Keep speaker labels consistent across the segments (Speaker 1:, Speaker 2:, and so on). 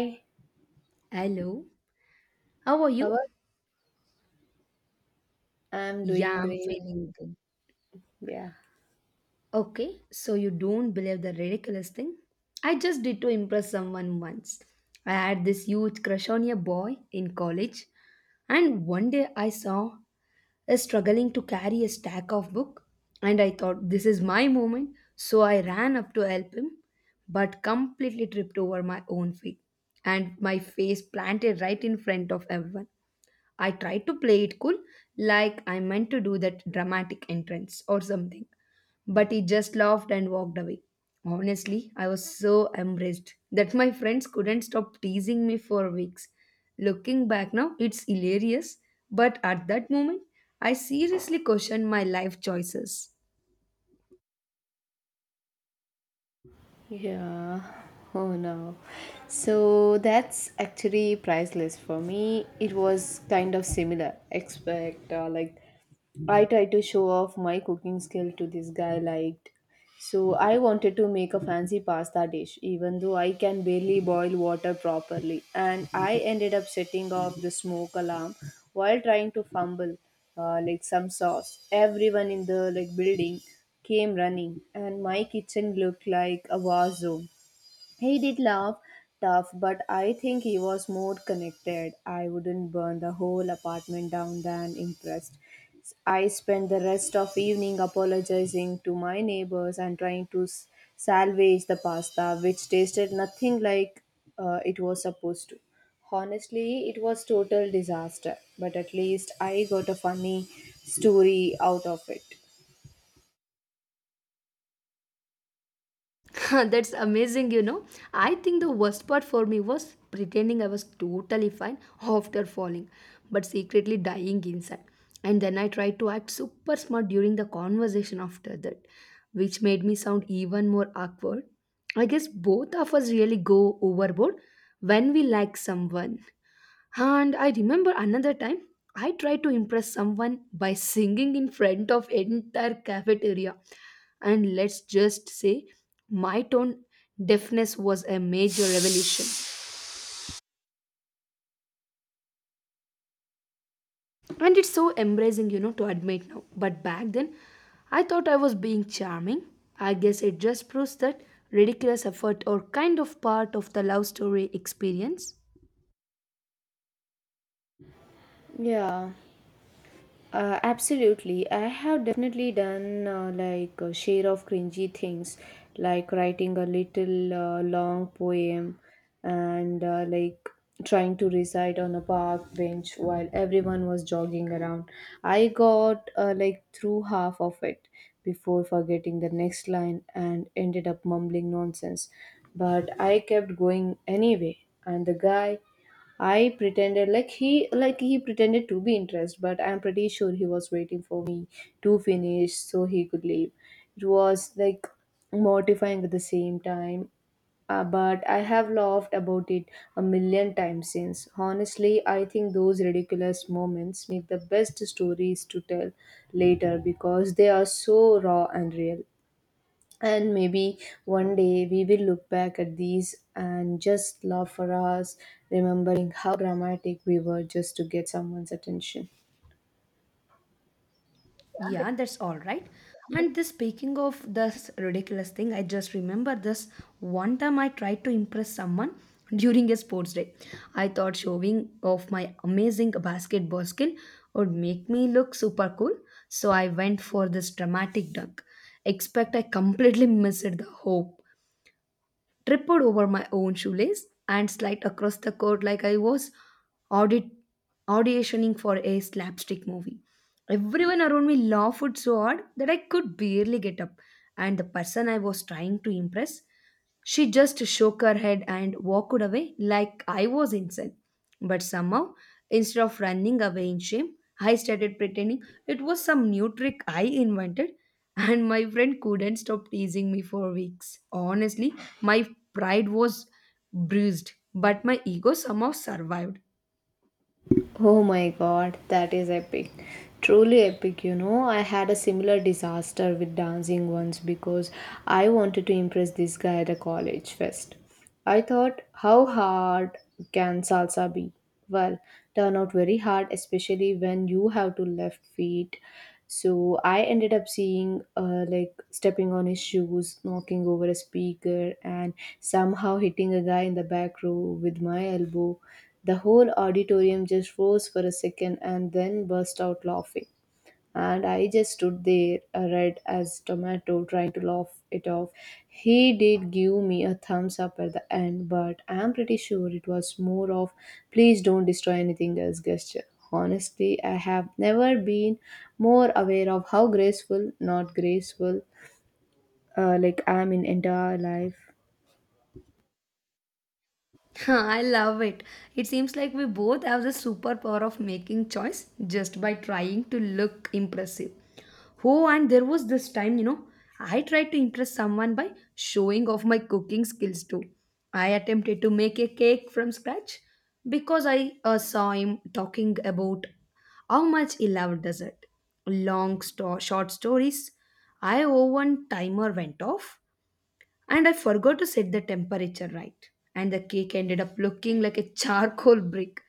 Speaker 1: Hi,
Speaker 2: Hello, how are
Speaker 1: how
Speaker 2: you?
Speaker 1: are I'm doing
Speaker 2: Yeah, I'm
Speaker 1: great.
Speaker 2: feeling good.
Speaker 1: Yeah.
Speaker 2: Okay, so you don't believe the ridiculous thing I just did to impress someone once? I had this huge crush on a boy in college, and one day I saw is struggling to carry a stack of book, and I thought, this is my moment. So I ran up to help him, but completely tripped over my own feet, and my face planted right in front of everyone. I tried to play it cool, like I meant to do that dramatic entrance or something, but he just laughed and walked away. Honestly, I was so embarrassed that my friends couldn't stop teasing me for weeks. Looking back now, it's hilarious, but at that moment, I seriously questioned my life choices.
Speaker 1: Yeah. Oh no. So that's actually priceless for me. It was kind of similar. Expect like I tried to show off my cooking skill to this guy liked. So I wanted to make a fancy pasta dish even though I can barely boil water properly and I ended up setting off the smoke alarm while trying to fumble, like some sauce. Everyone in the like building came running, and my kitchen looked like a war zone. He did laugh tough, but I think he was more connected. I wouldn't burn the whole apartment down than impressed. I spent the rest of evening apologizing to my neighbors and trying to salvage the pasta, which tasted nothing like, it was supposed to. Honestly, it was total disaster, but at least I got a funny story out of it.
Speaker 2: That's amazing. I think the worst part for me was pretending I was totally fine after falling, but secretly dying inside. And then I tried to act super smart during the conversation after that, which made me sound even more awkward. I guess both of us really go overboard when we like someone. And I remember another time I tried to impress someone by singing in front of entire cafeteria, and let's just say my tone deafness was a major revelation. And it's so embracing to admit now, but back then I thought I was being charming. I guess it just proves that ridiculous effort or kind of part of the love story experience.
Speaker 1: Yeah. Absolutely. I have definitely done like a share of cringy things, like writing a little long poem and like trying to recite on a park bench while everyone was jogging around. I got like through half of it before forgetting the next line and ended up mumbling nonsense. But I kept going anyway, and the guy I pretended like he pretended to be interested, but I'm pretty sure he was waiting for me to finish so he could leave. It was like mortifying at the same time. But I have laughed about it a million times since. Honestly, I think those ridiculous moments make the best stories to tell later because they are so raw and real. And maybe one day we will look back at these and just laugh for hours, remembering how dramatic we were just to get someone's attention.
Speaker 2: Yeah, that's all right. And this speaking of this ridiculous thing, I just remember this one time I tried to impress someone during a sports day. I thought showing off my amazing basketball skill would make me look super cool, so I went for this dramatic dunk. Expect I completely missed the hoop, tripped over my own shoelace, and slid across the court like I was audit auditioning for a slapstick movie. Everyone around me laughed so hard that I could barely get up, and the person I was trying to impress, she just shook her head and walked away like I was insane. But somehow, instead of running away in shame, I started pretending it was some new trick I invented, and my friend couldn't stop teasing me for weeks. Honestly, my pride was bruised, but my ego somehow survived.
Speaker 1: Oh my god, that is epic. Truly epic. I had a similar disaster with dancing once because I wanted to impress this guy at a college fest. I thought, how hard can salsa be? Well, turn out very hard, especially when you have to left feet. So I ended up seeing, like, stepping on his shoes, knocking over a speaker, and somehow hitting a guy in the back row with my elbow. The whole auditorium just froze for a second and then burst out laughing, and I just stood there, red as tomato, trying to laugh it off. He did give me a thumbs up at the end, but I'm pretty sure it was more of please don't destroy anything else gesture. Honestly, I have never been more aware of how graceful, not graceful, like I'm in entire life.
Speaker 2: I love it. It seems like we both have the superpower of making choice just by trying to look impressive. Oh, and there was this time, I tried to impress someone by showing off my cooking skills too. I attempted to make a cake from scratch because I saw him talking about how much he loved dessert. Long short stories. I oh, one timer went off, and I forgot to set the temperature right. And the cake ended up looking like a charcoal brick.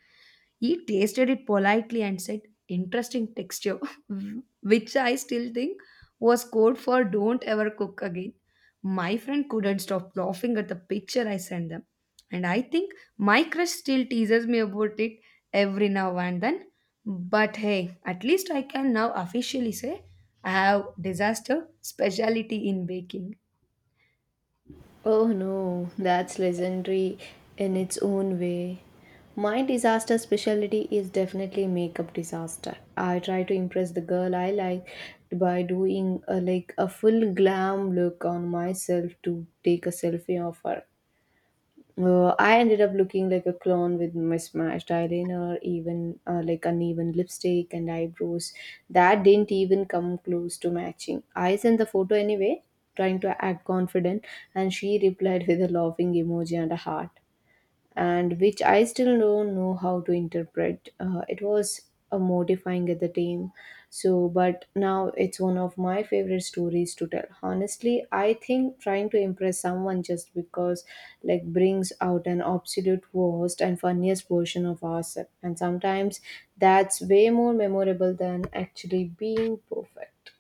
Speaker 2: He tasted it politely and said, "Interesting texture," which I still think was code for don't ever cook again. My friend couldn't stop laughing at the picture I sent them. And I think my crush still teases me about it every now and then. But hey, at least I can now officially say I have disaster specialty in baking.
Speaker 1: Oh no, that's legendary in its own way. My disaster specialty is definitely makeup disaster. I try to impress the girl I like by doing like a full glam look on myself to take a selfie of her. I ended up looking like a clone with mismatched eyeliner, even like uneven lipstick and eyebrows that didn't even come close to matching. I sent the photo anyway, trying to act confident, and she replied with a laughing emoji and a heart and which I still don't know how to interpret. It was a mortifying at the time, so but now it's one of my favorite stories to tell. Honestly, I think trying to impress someone just because like brings out an absolute worst and funniest version of ourselves, and sometimes that's way more memorable than actually being perfect.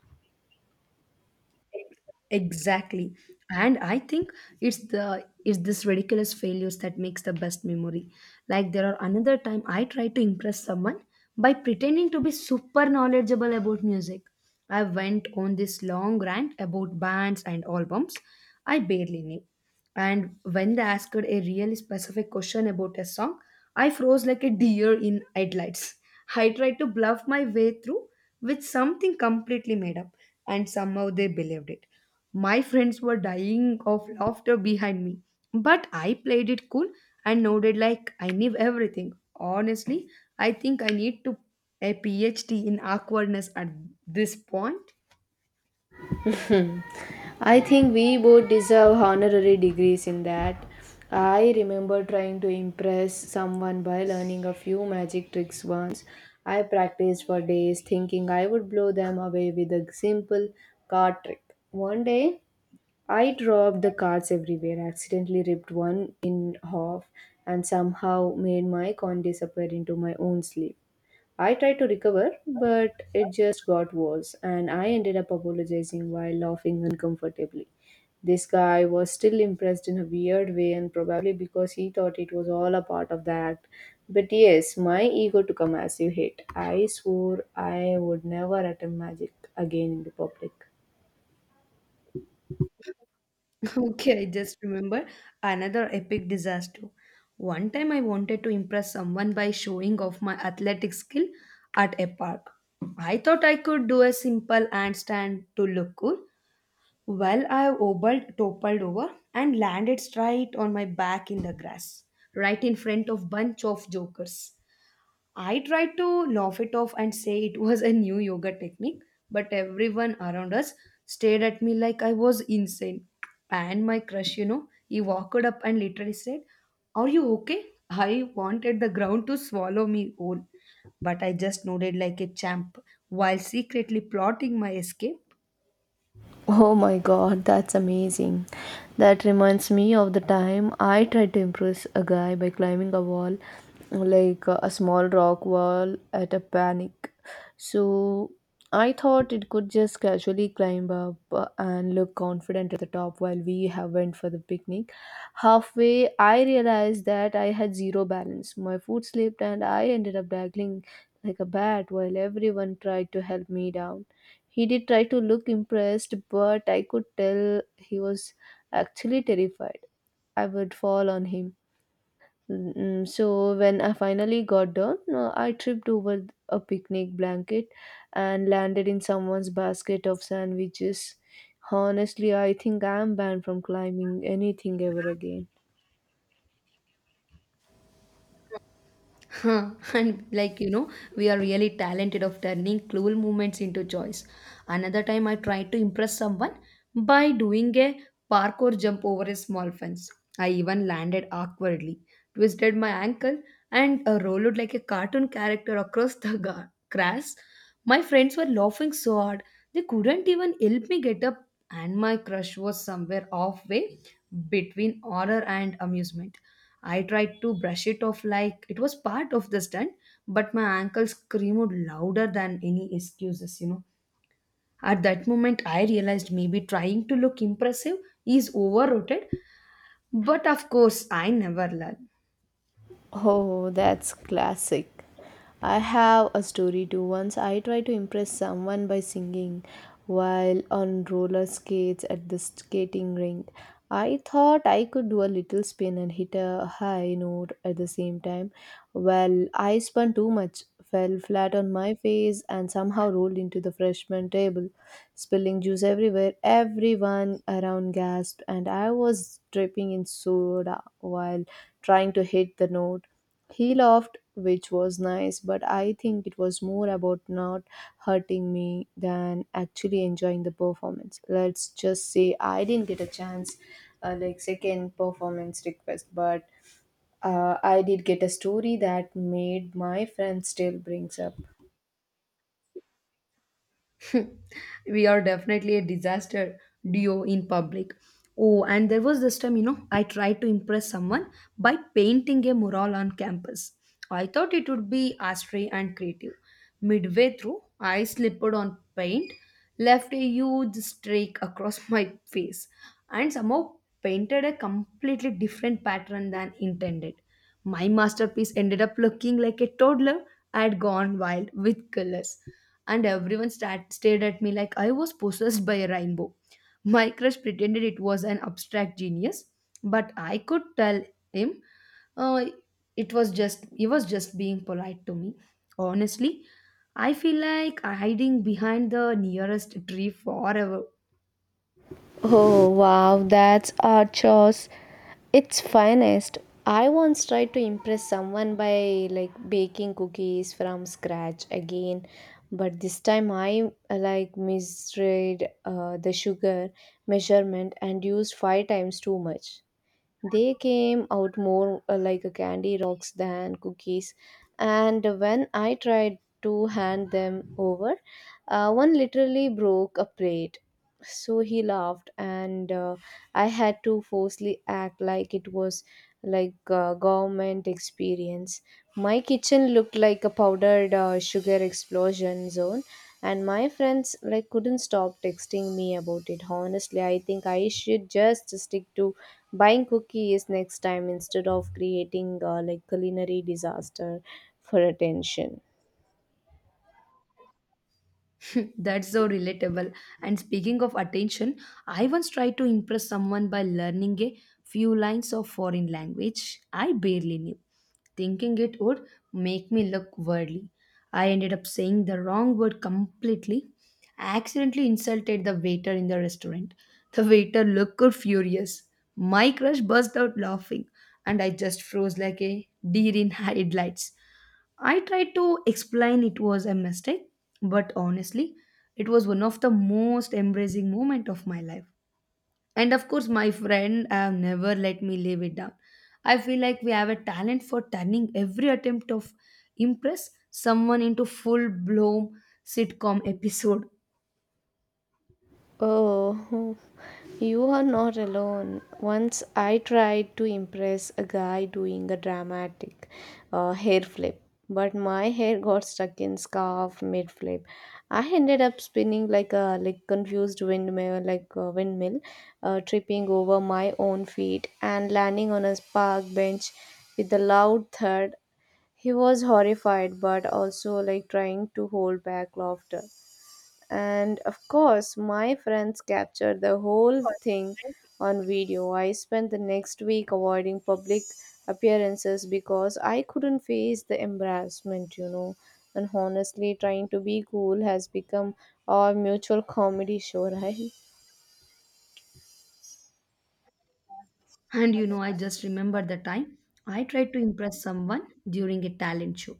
Speaker 2: Exactly. And I think it's this ridiculous failures that makes the best memory. Like there are another time I tried to impress someone by pretending to be super knowledgeable about music. I went on this long rant about bands and albums I barely knew, and when they asked a really specific question about a song, I froze like a deer in headlights. I tried to bluff my way through with something completely made up, and somehow they believed it. My friends were dying of laughter behind me, but I played it cool and nodded like I knew everything. Honestly, I think I need to a PhD in awkwardness at this point.
Speaker 1: I think we both deserve honorary degrees in that. I remember trying to impress someone by learning a few magic tricks once. I practiced for days thinking I would blow them away with a simple card trick. One day, I dropped the cards everywhere, accidentally ripped one in half, and somehow made my coin disappear into my own sleeve. I tried to recover, but it just got worse, and I ended up apologizing while laughing uncomfortably. This guy was still impressed in a weird way, and probably because he thought it was all a part of the act. But yes, my ego took a massive hit. I swore I would never attempt magic again in the public.
Speaker 2: Okay, I just remember another epic disaster. One time I wanted to impress someone by showing off my athletic skill at a park. I thought I could do a simple handstand to look cool. Well, I obbled, toppled over and landed straight on my back in the grass, right in front of bunch of jokers. I tried to laugh it off and say it was a new yoga technique, but everyone around us stared at me like I was insane. And my crush, he walked up and literally said, "Are you okay?" I wanted the ground to swallow me whole, but I just nodded like a champ while secretly plotting my escape.
Speaker 1: Oh my god, that's amazing. That reminds me of the time I tried to impress a guy by climbing a wall, like, a small rock wall at a panic. So I thought it could just casually climb up, and look confident at the top while we have went for the picnic. Halfway, I realized that I had zero balance. My foot slipped and I ended up dangling like a bat while everyone tried to help me down. He did try to look impressed, but I could tell he was actually terrified. I would fall on him. So when I finally got down, I tripped over a picnic blanket and landed in someone's basket of sandwiches. Honestly, I think I am banned from climbing anything ever again.
Speaker 2: Huh, and like we are really talented of turning cruel moments into joys. Another time I tried to impress someone by doing a parkour jump over a small fence. I even landed awkwardly, twisted my ankle, and rolled like a cartoon character across the grass. My friends were laughing so hard they couldn't even help me get up, and my crush was somewhere halfway between horror and amusement. I tried to brush it off like it was part of the stunt, but my ankle screamed louder than any excuses. At that moment, I realized maybe trying to look impressive is overrated, but of course, I never learned.
Speaker 1: Oh, that's classic. I have a story too. Once I tried to impress someone by singing while on roller skates at the skating rink. I thought I could do a little spin and hit a high note at the same time. Well, I spun too much, fell flat on my face, and somehow rolled into the freshman table spilling juice everywhere. Everyone around gasped, and I was dripping in soda while trying to hit the note. He laughed, which was nice, but I think it was more about not hurting me than actually enjoying the performance. Let's just say I didn't get a chance, like second performance request, but I did get a story that made my friend still brings up.
Speaker 2: We are definitely a disaster duo in public. Oh, and there was this time, I tried to impress someone by painting a mural on campus. I thought it would be astray and creative. Midway through, I slipped on paint, left a huge streak across my face, and somehow painted a completely different pattern than intended. My masterpiece ended up looking like a toddler. I had gone wild with colors, and everyone stared at me like I was possessed by a rainbow. My crush pretended it was an abstract genius, but I could tell him uh, it was just he was just being polite to me. Honestly, I feel like hiding behind the nearest tree forever.
Speaker 1: Oh wow, that's archos. It's finest. I once tried to impress someone by like baking cookies from scratch again, but this time I, like misread, the sugar measurement and used five times too much. They came out more, like a candy rocks than cookies. And when I tried to hand them over, one literally broke a plate. So he laughed, and, I had to forcefully act like it was like a government experience. My kitchen looked like a powdered, sugar explosion zone, and my friends like couldn't stop texting me about it. Honestly, I think I should just stick to buying cookies next time instead of creating, like culinary disaster for attention.
Speaker 2: That's so relatable. And speaking of attention, I once tried to impress someone by learning a few lines of foreign language I barely knew, thinking it would make me look worldly. I ended up saying the wrong word completely. I accidentally insulted the waiter in the restaurant. The waiter looked furious. My crush burst out laughing, and I just froze like a deer in headlights. I tried to explain it was a mistake, but honestly, it was one of the most embracing moment of my life. And of course, my friend have never let me live it down. I feel like we have a talent for turning every attempt of impress someone into full blown sitcom episode.
Speaker 1: Oh, you are not alone. Once I tried to impress a guy doing a dramatic, hair flip, but my hair got stuck in scarf mid flip. I ended up spinning like confused windmill, like a windmill, tripping over my own feet and landing on a park bench with a loud thud. He was horrified, but also like trying to hold back laughter. And of course, my friends captured the whole thing on video. I spent the next week avoiding public appearances because I couldn't face the embarrassment. And honestly, trying to be cool has become our mutual comedy show, right?
Speaker 2: And I just remember the time I tried to impress someone during a talent show.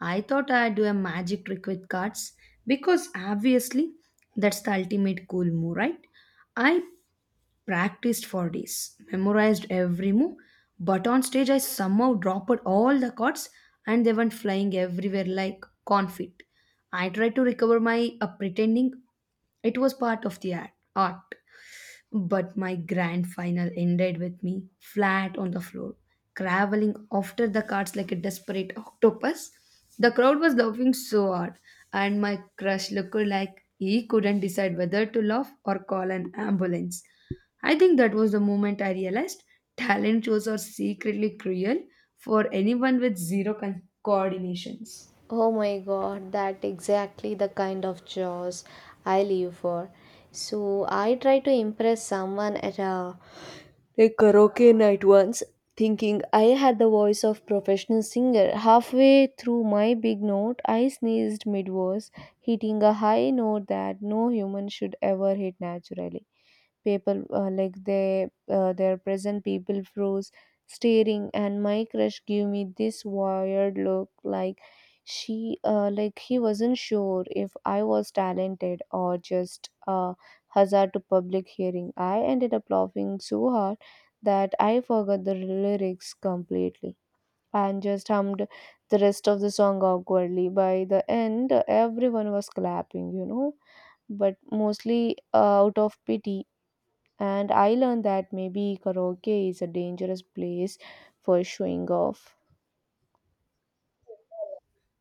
Speaker 2: I thought I'd do a magic trick with cards because obviously that's the ultimate cool move, right? I practiced for days, memorized every move. But on stage, I somehow dropped all the chords, and they went flying everywhere like confit. I tried to recover my pretending it was part of the act, art. But my grand final ended with me flat on the floor, crawling after the cards like a desperate octopus. The crowd was laughing so hard, and my crush looked like he couldn't decide whether to laugh or call an ambulance. I think that was the moment I realized talent shows are secretly cruel for anyone with zero coordinations.
Speaker 1: Oh my god, that exactly the kind of chores I live for. So I try to impress someone at a karaoke night once, thinking I had the voice of professional singer. Halfway through my big note, I sneezed mid-verse, hitting a high note that no human should ever hit naturally. People, like they, their present people froze staring, and my crush gave me this wired look, like she, like he wasn't sure if I was talented or just a hazard to public hearing. I ended up laughing so hard that I forgot the lyrics completely and just hummed the rest of the song awkwardly. By the end, everyone was clapping, but mostly, out of pity. And I learned that maybe karaoke is a dangerous place for showing off.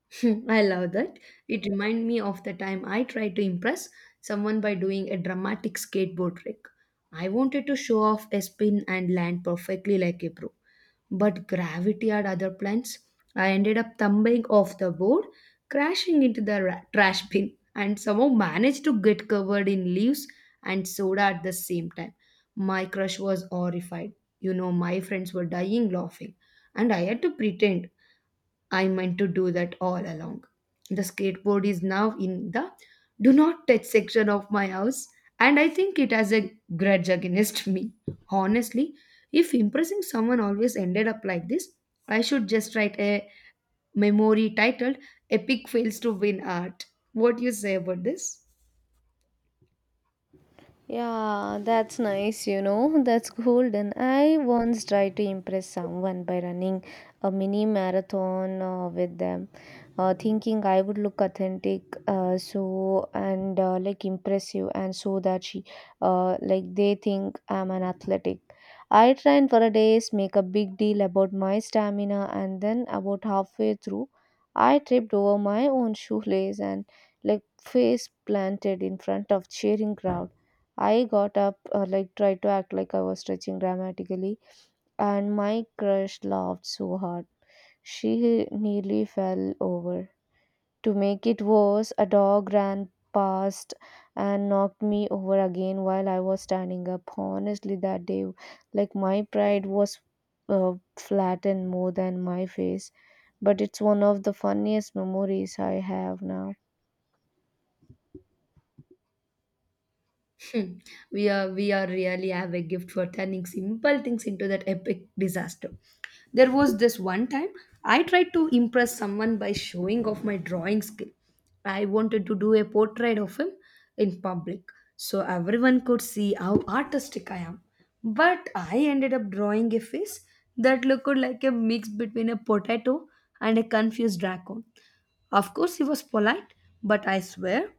Speaker 2: Hmm, I love that. It reminds me of the time I tried to impress someone by doing a dramatic skateboard trick. I wanted to show off a spin and land perfectly like a pro, but gravity had other plans. I ended up tumbling off the board, crashing into the trash bin, and somehow managed to get covered in leaves and soda at the same time. My crush was horrified. My friends were dying laughing, and I had to pretend I meant to do that all along. The skateboard is now in the do not touch section of my house, and I think it has a grudge against me. Honestly, if impressing someone always ended up like this, I should just write a memory titled "Epic Fails to Win Art." What do you say about this?
Speaker 1: Yeah, that's nice. That's golden. I once tried to impress someone by running a mini marathon, with them, thinking I would look authentic, so and, like impressive, and so that like they think I'm an athletic. I trained for a days, make a big deal about my stamina, and then about halfway through, I tripped over my own shoelace and like face planted in front of cheering crowd. I got up, like tried to act like I was stretching dramatically, and my crush laughed so hard. She nearly fell over. To make it worse, a dog ran past and knocked me over again while I was standing up. Honestly, that day, like my pride was, flattened more than my face, but it's one of the funniest memories I have now.
Speaker 2: Hmm. We are really have a gift for turning simple things into that epic disaster. There was this one time I tried to impress someone by showing off my drawing skill. I wanted to do a portrait of him in public so everyone could see how artistic I am. But I ended up drawing a face that looked like a mix between a potato and a confused raccoon. Of course, he was polite, but I swear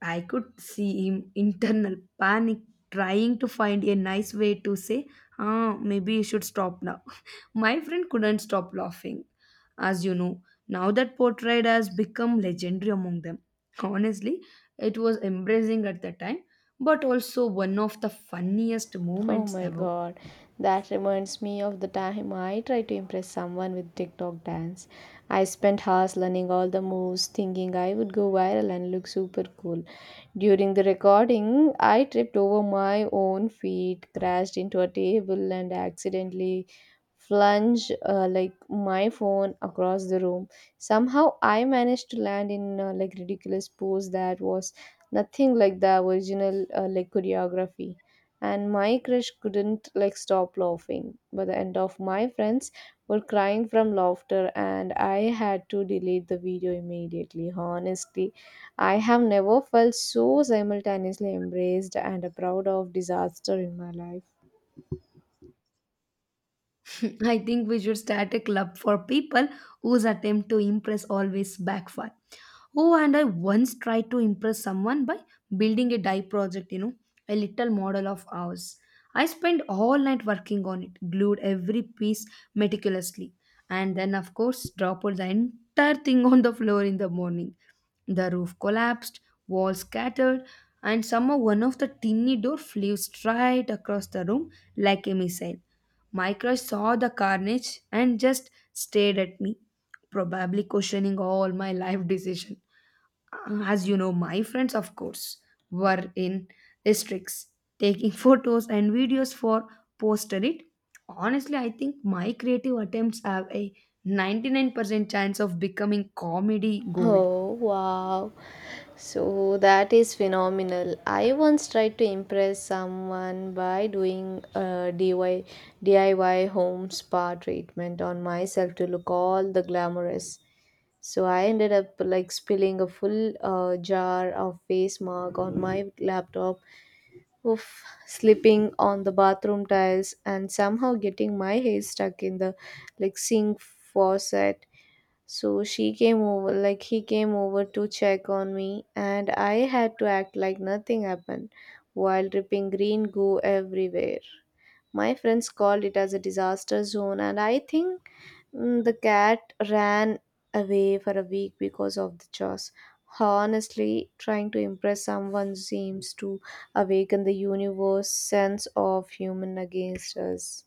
Speaker 2: I could see him internal panic trying to find a nice way to say, "Ah, maybe you should stop now." My friend couldn't stop laughing. As you know, now that portrait has become legendary among them. Honestly, it was embracing at the time, but also one of the funniest
Speaker 1: Oh
Speaker 2: moments
Speaker 1: my
Speaker 2: ever.
Speaker 1: god, that reminds me of the time I tried to impress someone with TikTok dance. I spent hours learning all the moves, thinking I would go viral and look super cool. During the recording, I tripped over my own feet, crashed into a table, and accidentally flung my phone across the room. Somehow, I managed to land in ridiculous pose that was nothing like the original choreography, and my crush couldn't stop laughing. By the end, of my friends were crying from laughter, and I had to delete the video immediately. Honestly, I have never felt so simultaneously embraced and proud of disaster in my life.
Speaker 2: I think we should start a club for people whose attempt to impress always backfire. Oh, and I once tried to impress someone by building a dye project, you know, a little model of ours. I spent all night working on it, glued every piece meticulously, and then, of course, dropped the entire thing on the floor in the morning. The roof collapsed, walls scattered, and somehow one of the tiny door flew straight across the room like a missile. Micro saw the carnage and just stared at me, probably questioning all my life decision. As you know, my friends, of course, were in districts taking photos and videos for poster it. Honestly, I think my creative attempts have a 99% chance of becoming comedy gold.
Speaker 1: Oh wow, so that is phenomenal. I once tried to impress someone by doing a DIY home spa treatment on myself to look all the glamorous. So I ended up spilling a full jar of face mark on my laptop, oof, slipping on the bathroom tiles, and somehow getting my hair stuck in the sink faucet. So she came over, like he came over to check on me, and I had to act like nothing happened while dripping green goo everywhere. My friends called it as a disaster zone, and the cat ran away for a week because of the chores. Honestly, trying to impress someone seems to awaken the universe's sense of human against us.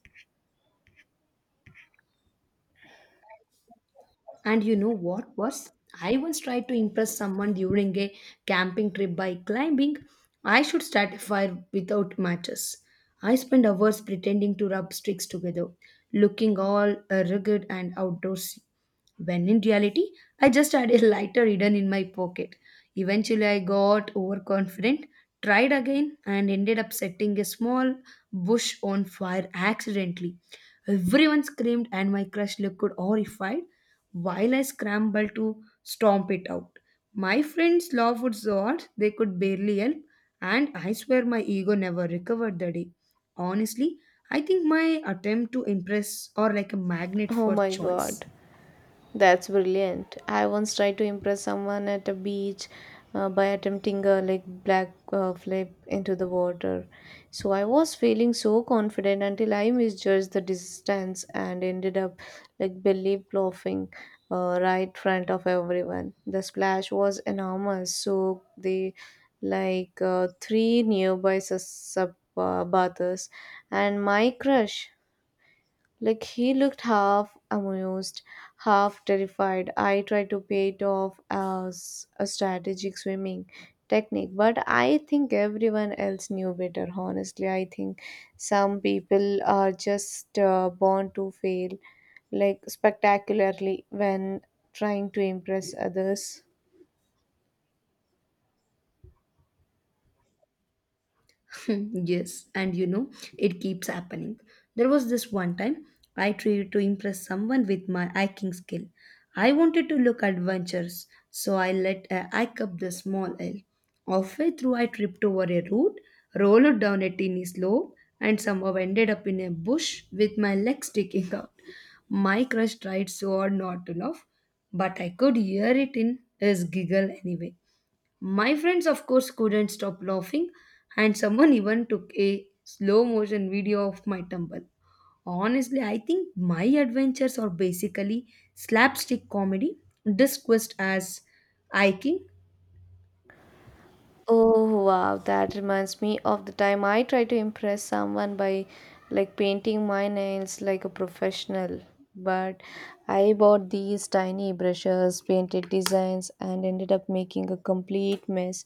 Speaker 2: And you know what was? I once tried to impress someone during a camping trip by climbing. I should start a fire without matches. I spent hours pretending to rub sticks together, looking all rugged and outdoorsy. When in reality, I just had a lighter hidden in my pocket. Eventually, I got overconfident tried again and ended up setting a small bush on fire accidentally. Everyone screamed, and my crush looked horrified while I scrambled to stomp it out. My friends laughed so hard they could barely help, and I swear my ego never recovered the day. Honestly, I think my attempt to impress or like a magnet
Speaker 1: Oh
Speaker 2: for
Speaker 1: my
Speaker 2: choice.
Speaker 1: god. That's brilliant. I once tried to impress someone at a beach by attempting a black flip into the water. So I was feeling so confident until I misjudged the distance and ended up belly plopping right front of everyone. The splash was enormous, so the three nearby sus- sub bathers and my crush, he looked half amused, half terrified. I tried to pay it off as a strategic swimming technique, but I think everyone else knew better. Honestly, I think some people are just born to fail, like spectacularly, when trying to impress others.
Speaker 2: Hmm, yes, and you know, it keeps happening. There was this one time I tried to impress someone with my hiking skill. I wanted to look adventurous, so I let a hike up the small hill. Halfway through, I tripped over a root, rolled down a tiny slope, and somehow ended up in a bush with my legs sticking out. My crush tried so hard not to laugh, but I could hear it in his giggle anyway. My friends, of course, couldn't stop laughing, and someone even took a slow motion video of my tumble. Honestly, I think my adventures are basically slapstick comedy disguised as hiking.
Speaker 1: Oh wow, that reminds me of the time I tried to impress someone by painting my nails like a professional. But I bought these tiny brushes, painted designs, and ended up making a complete mess.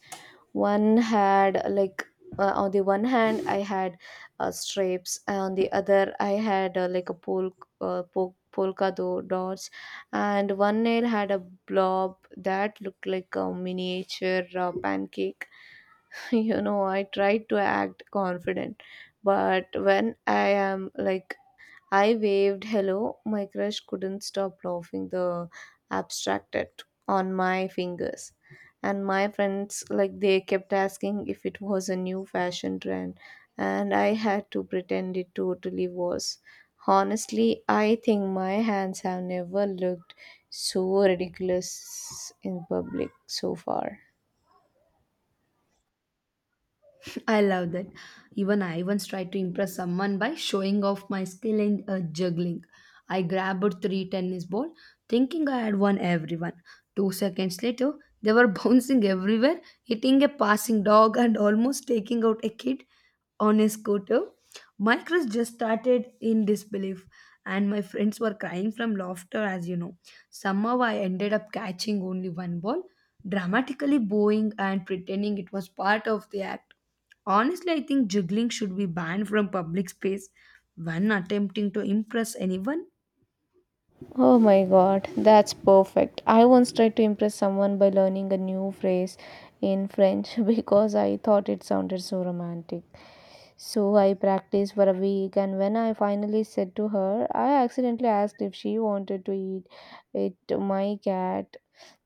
Speaker 1: One had on the one hand I had stripes, and on the other I had polka dots, and one nail had a blob that looked like a miniature pancake. You know, I try to act confident, but when I am like I waved hello, my crush couldn't stop laughing. The abstracted on my fingers, and my friends, like they kept asking if it was a new fashion trend, and I had to pretend it totally was. Honestly, I think my hands have never looked so ridiculous in public so far.
Speaker 2: I love that. Even I once tried to impress someone by showing off my skill in juggling. I grabbed three tennis balls, thinking I had won everyone. 2 seconds later, they were bouncing everywhere, hitting a passing dog and almost taking out a kid on a scooter. My crush just started in disbelief, and my friends were crying from laughter, as you know. Somehow, I ended up catching only one ball, dramatically bowing and pretending it was part of the act. Honestly, I think juggling should be banned from public space when attempting to impress anyone.
Speaker 1: Oh my god, that's perfect. I once tried to impress someone by learning a new phrase in French because I thought it sounded so romantic. So I practiced for a week, and when I finally said to her, I accidentally asked if she wanted to eat it my cat,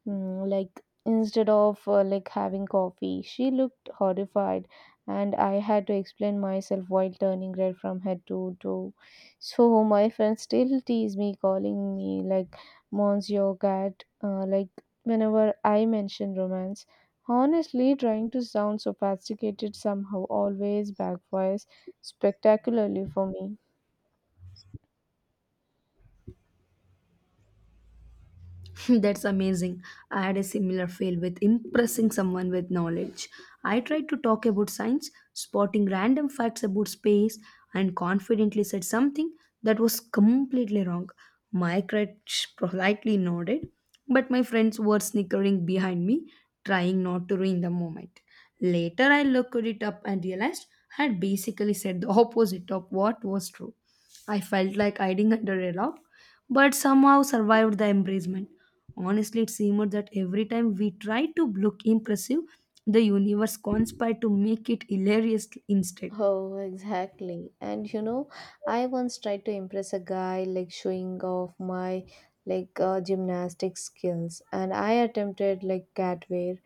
Speaker 1: Instead of having coffee. She looked horrified, and I had to explain myself while turning red from head to toe. So my friends still tease me, calling me like monsieur cat, whenever I mention romance. Honestly, trying to sound sophisticated somehow always backfires spectacularly for me.
Speaker 2: That's amazing. I had a similar fail with impressing someone with knowledge. I tried to talk about science, spotting random facts about space, and confidently said something that was completely wrong. My crutch politely nodded, but my friends were snickering behind me, trying not to ruin the moment. Later, I looked it up and realized I had basically said the opposite of what was true. I felt like hiding under a rock, but somehow survived the embracement. Honestly, it seemed that every time we tried to look impressive, the universe conspired to make it hilarious instead.
Speaker 1: Oh, exactly. And you know, I once tried to impress a guy like showing off my gymnastics skills, and I attempted like cat wear,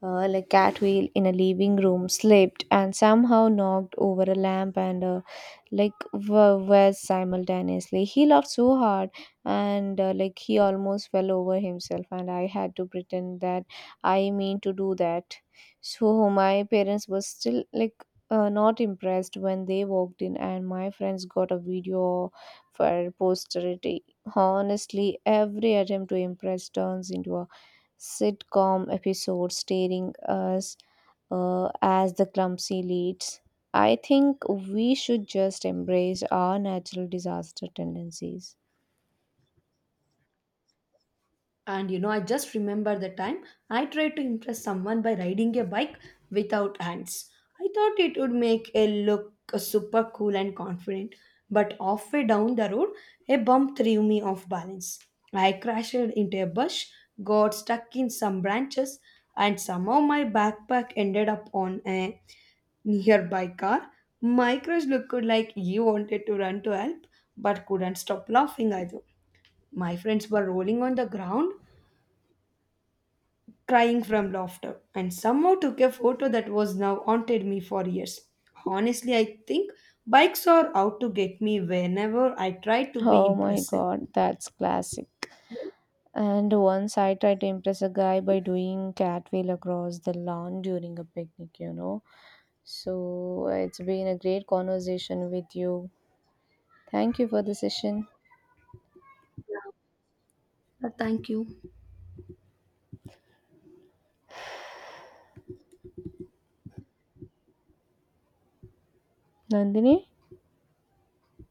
Speaker 1: catwheel in a living room, slipped and somehow knocked over a lamp, and was simultaneously he laughed so hard, and he almost fell over himself, and I had to pretend that I mean to do that. So my parents were still like not impressed when they walked in, and my friends got a video for posterity. Honestly, every attempt to impress turns into a sitcom episode staring us, as the clumsy leads. I think we should just embrace our natural disaster tendencies.
Speaker 2: And you know, I just remember the time I tried to impress someone by riding a bike without hands. I thought it would make a look super cool and confident, but halfway down the road, a bump threw me off balance. I crashed into a bush, got stuck in some branches, and somehow my backpack ended up on a nearby car. My crush looked like he wanted to run to help, but couldn't stop laughing either. My friends were rolling on the ground crying from laughter, and somehow took a photo that was now haunted me for years. Honestly, I think bikes are out to get me whenever I try to be
Speaker 1: Oh my
Speaker 2: impressive.
Speaker 1: god, that's classic. And once I tried to impress a guy by doing catwheel across the lawn during a picnic, you know. So it's been a great conversation with you. Thank you for the session,
Speaker 2: Thank you.
Speaker 1: Nandini.